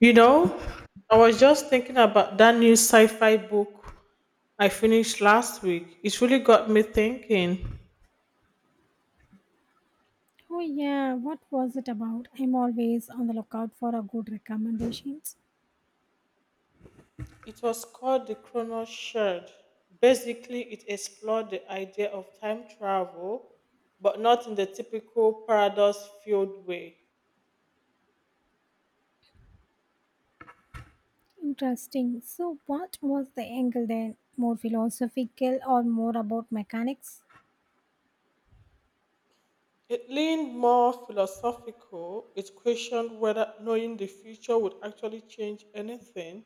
You know, I was just thinking about that new sci fi book I finished last week. It really got me thinking. Oh yeah, what was it about? I'm always on the lookout for a good recommendations. It was called The Chrono Shard. Basically, it explored the idea of time travel, but not in the typical paradox filled way. Interesting. So what was the angle then? More philosophical or more about mechanics? It leaned more philosophical. It questioned whether knowing the future would actually change anything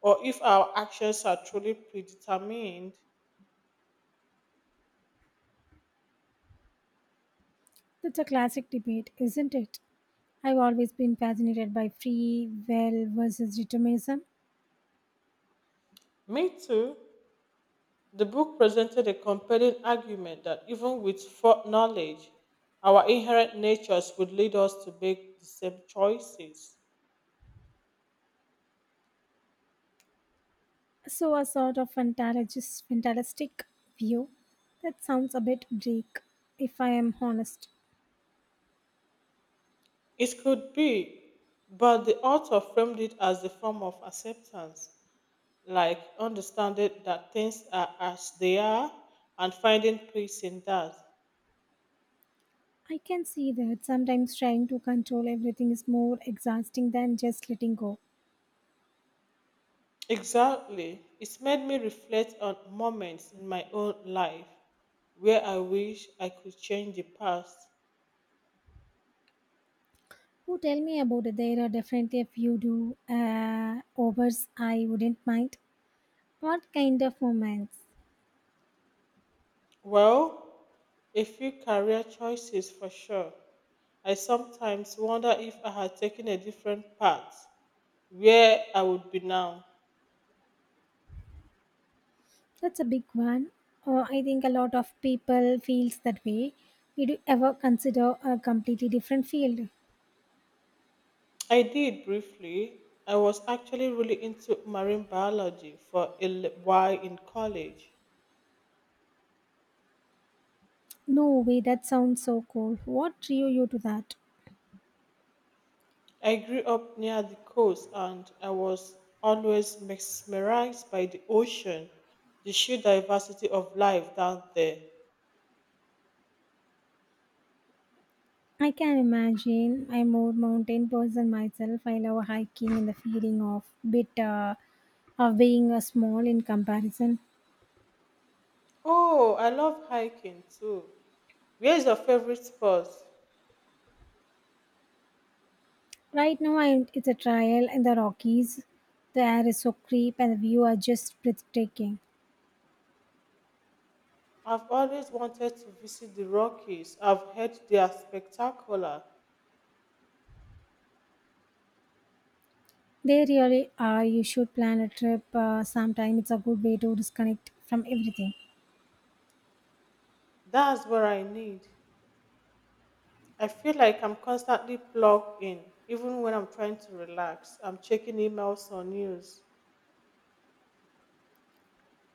or if our actions are truly predetermined. That's a classic debate, isn't it? I've always been fascinated by free will versus determinism. Me too. The book presented a compelling argument that even with knowledge, our inherent natures would lead us to make the same choices. So a sort of fantalogist, fantastic view. That sounds a bit bleak, if I am honest. It could be, but the author framed it as a form of acceptance, like understanding that things are as they are and finding peace in that. I can see that sometimes trying to control everything is more exhausting than just letting go. Exactly. It's made me reflect on moments in my own life where I wish I could change the past. Oh, tell me about it. There are definitely a few do overs I wouldn't mind. What kind of moments? Well, a few career choices for sure. I sometimes wonder if I had taken a different path, where I would be now. That's a big one. Oh, I think a lot of people feels that way. Did you ever consider a completely different field? I did briefly. I was actually really into marine biology for a while in college. No way. That sounds so cool. What drew you to that? I grew up near the coast and I was always mesmerized by the ocean, the sheer diversity of life down there. I can imagine. I'm more mountain person myself. I love hiking and the feeling of bit of being small in comparison. Oh, I love hiking too. Where's your favorite spot? Right now, it's a trial in the Rockies. The air is so crisp and the view are just breathtaking. I've always wanted to visit the Rockies. I've heard they are spectacular. They really are. You should plan a trip sometime. It's a good way to disconnect from everything. That's where I need. I feel like I'm constantly plugged in, even when I'm trying to relax. I'm checking emails or news.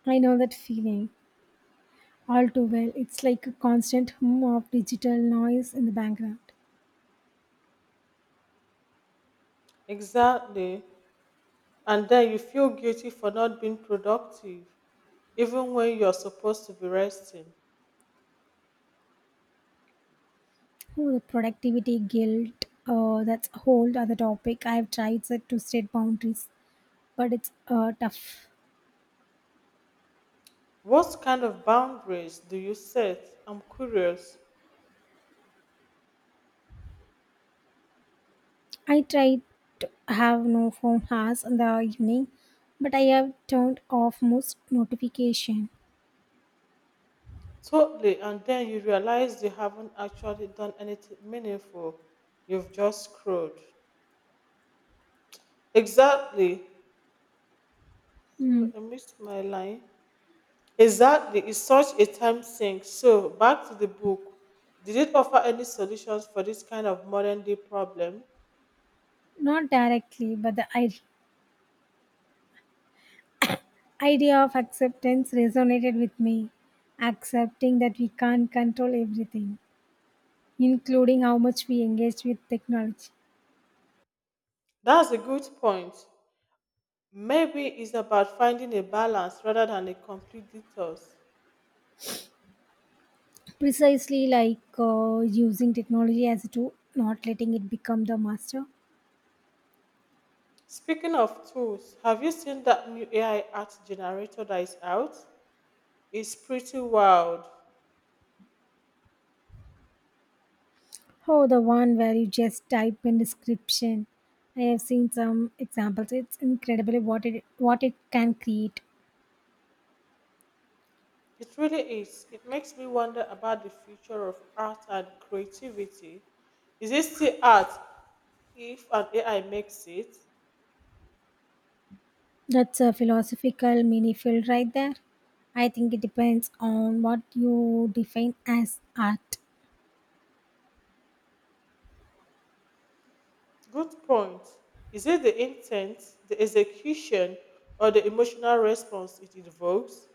I know that feeling all too well. It's like a constant hum of digital noise in the background. Exactly. And then you feel guilty for not being productive, even when you're supposed to be resting. Oh, the productivity guilt. That's a whole other topic. I've tried set to state boundaries, but it's tough. What kind of boundaries do you set? I'm curious. I try to have no phone hours in the evening, but I have turned off most notification. Totally. And then you realize you haven't actually done anything meaningful. You've just scrolled. Exactly. So Hmm. I missed my line. Exactly. It's such a time sink. So back to the book. Did it offer any solutions for this kind of modern day problem? Not directly, but the idea of acceptance resonated with me. Accepting that we can't control everything, including how much we engage with technology. That's a good point. Maybe it's about finding a balance rather than a complete detox. Precisely like using technology as a tool, not letting it become the master. Speaking of tools, have you seen that new AI art generator that is out? It's pretty wild. Oh, the one where you just type in description. I have seen some examples. It's incredible what it can create. It really is. It makes me wonder about the future of art and creativity. Is it still art if an AI makes it? That's a philosophical mini field right there. I think it depends on what you define as art. Good point. Is it the intent, the execution, or the emotional response it evokes?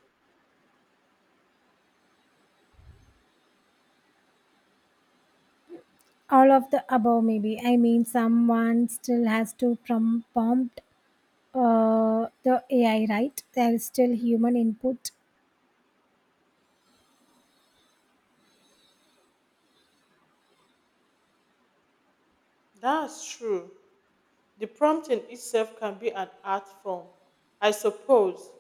All of the above, maybe. I mean, someone still has to prompt the AI, right? There is still human input. That's true. The prompting itself can be an art form, I suppose.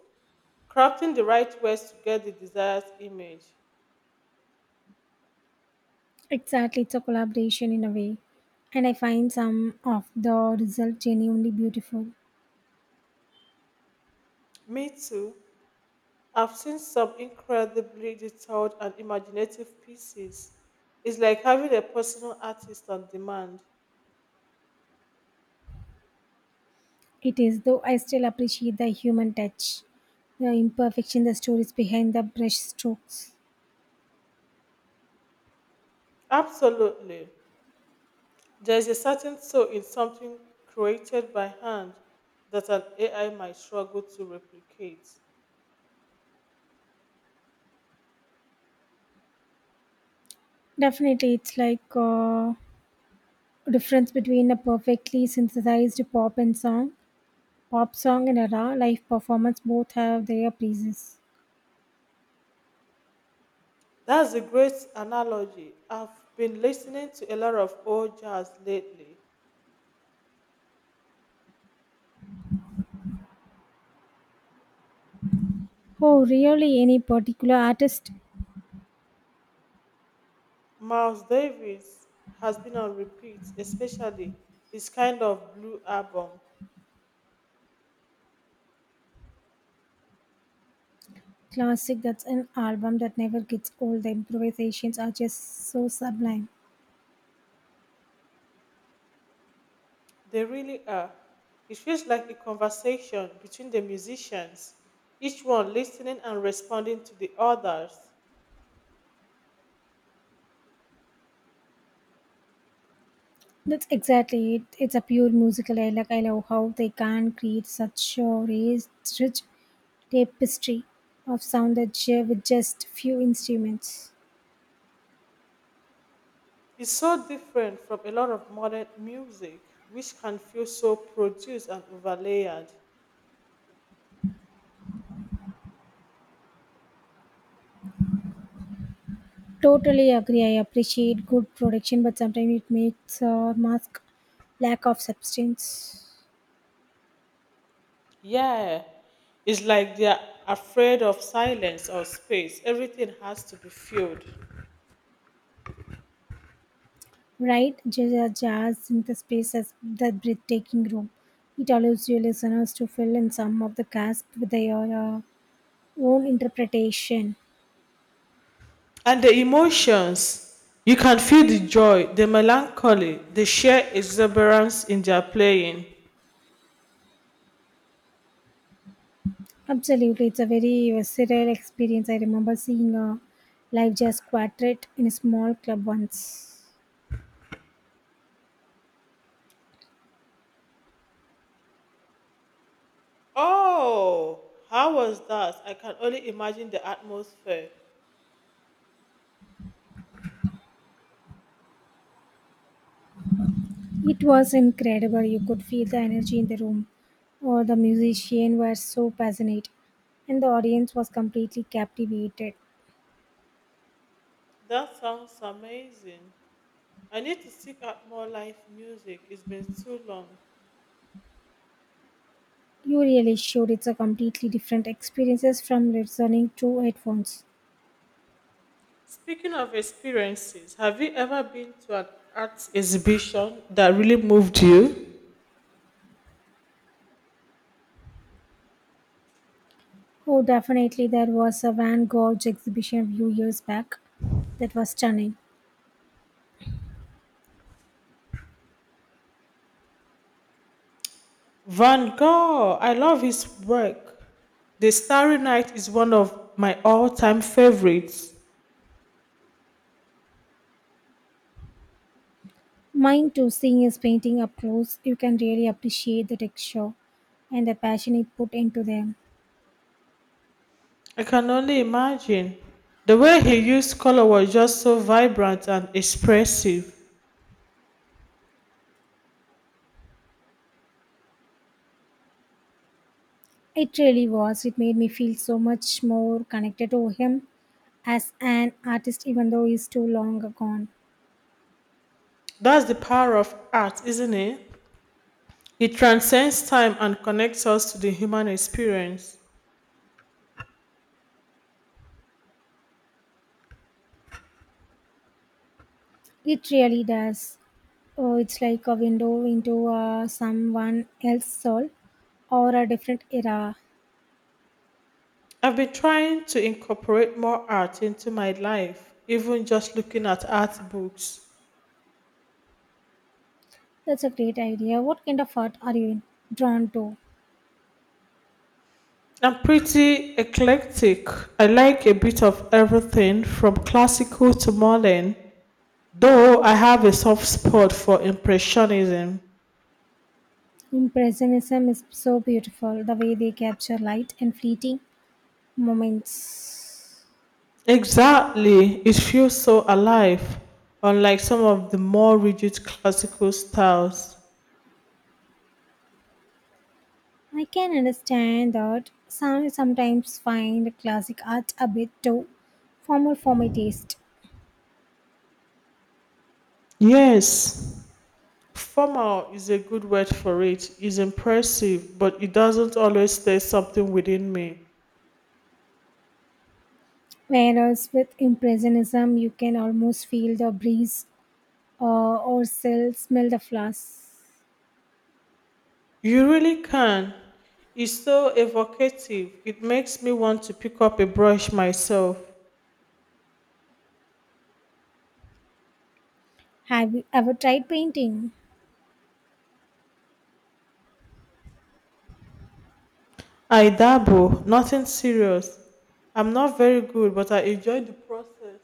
Crafting the right words to get the desired image. Exactly, it's a collaboration in a way, and I find some of the result genuinely beautiful. Me too. I've seen some incredibly detailed and imaginative pieces. It's like having a personal artist on demand. It is, though I still appreciate the human touch, the imperfection, the stories behind the brush strokes. Absolutely. There's a certain soul in something created by hand that an AI might struggle to replicate. Definitely, it's like a difference between a perfectly synthesized pop song and a raw live performance. Both have their praises. That's a great analogy. I've been listening to a lot of old jazz lately. Oh, really? Any particular artist? Miles Davis has been on repeat, especially his Kind of Blue album. Classic. That's an album that never gets old. The improvisations are just so sublime. They really are. It feels like a conversation between the musicians, each one listening and responding to the others. That's exactly it. It's a pure musical. I like. I love how they can create such a rich, rich tapestry of sound that share with just few instruments. It's so different from a lot of modern music, which can feel so produced and overlayered. Totally agree. I appreciate good production, but sometimes it makes or mask lack of substance. Yeah, it's like they're afraid of silence or space. Everything has to be filled. Right? Jazz in the space as that breathtaking room. It allows your listeners to fill in some of the gasp with their own interpretation. And the emotions, you can feel the joy, the melancholy, the sheer exuberance in their playing. Absolutely, it's a very visceral experience. I remember seeing a live jazz quartet in a small club once. Oh, how was that? I can only imagine the atmosphere. It was incredible. You could feel the energy in the room. All the musicians were so passionate, and the audience was completely captivated. That sounds amazing. I need to seek out more live music. It's been too long. You really showed it's a completely different experiences from listening to headphones. Speaking of experiences, have you ever been to an art exhibition that really moved you? Oh, definitely, there was a Van Gogh exhibition a few years back that was stunning. Van Gogh, I love his work. The Starry Night is one of my all time favorites. Mine too, seeing his painting up close, you can really appreciate the texture and the passion he put into them. I can only imagine. The way he used color was just so vibrant and expressive. It really was. It made me feel so much more connected to him as an artist, even though he's too long gone. That's the power of art, isn't it? It transcends time and connects us to the human experience. It really does. Oh, it's like a window into someone else's soul or a different era. I've been trying to incorporate more art into my life, even just looking at art books. That's a great idea. What kind of art are you drawn to? I'm pretty eclectic. I like a bit of everything from classical to modern, though I have a soft spot for Impressionism. Impressionism is so beautiful, the way they capture light and fleeting moments. Exactly, it feels so alive, unlike some of the more rigid classical styles. I can understand that sometimes find classic art a bit too formal for my taste. Yes, formal is a good word for it. It's impressive, but it doesn't always stir something within me. Whereas with impressionism, you can almost feel the breeze or still smell the flowers. You really can. It's so evocative. It makes me want to pick up a brush myself. Have you ever tried painting? I dabble, nothing serious. I'm not very good, but I enjoy the process.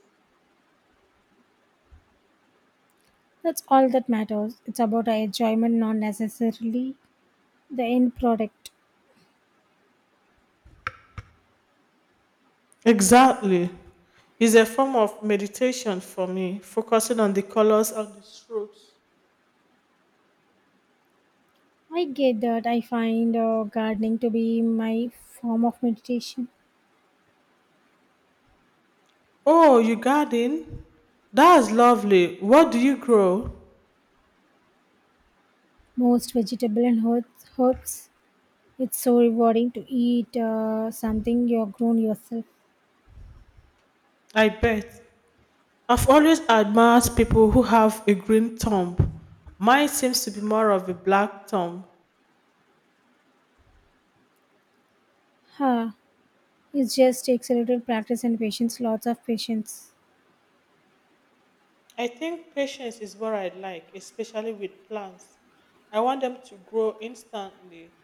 That's all that matters. It's about our enjoyment, not necessarily the end product. Exactly. It's a form of meditation for me, focusing on the colors and the strokes. I get that. I find gardening to be my form of meditation. Oh, you garden? That's lovely. What do you grow? Most vegetable and herbs. It's so rewarding to eat something you've grown yourself. I bet. I've always admired people who have a green thumb. Mine seems to be more of a black thumb. Huh. It just takes a little practice and patience, lots of patience. I think patience is what I like, especially with plants. I want them to grow instantly.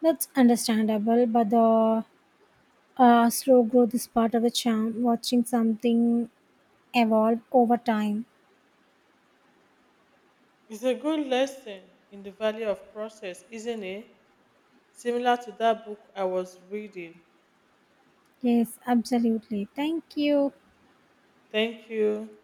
That's understandable, but the slow growth is part of the charm, watching something evolve over time. It's a good lesson in the value of process, isn't it? Similar to that book I was reading. Yes, absolutely. Thank you. Thank you.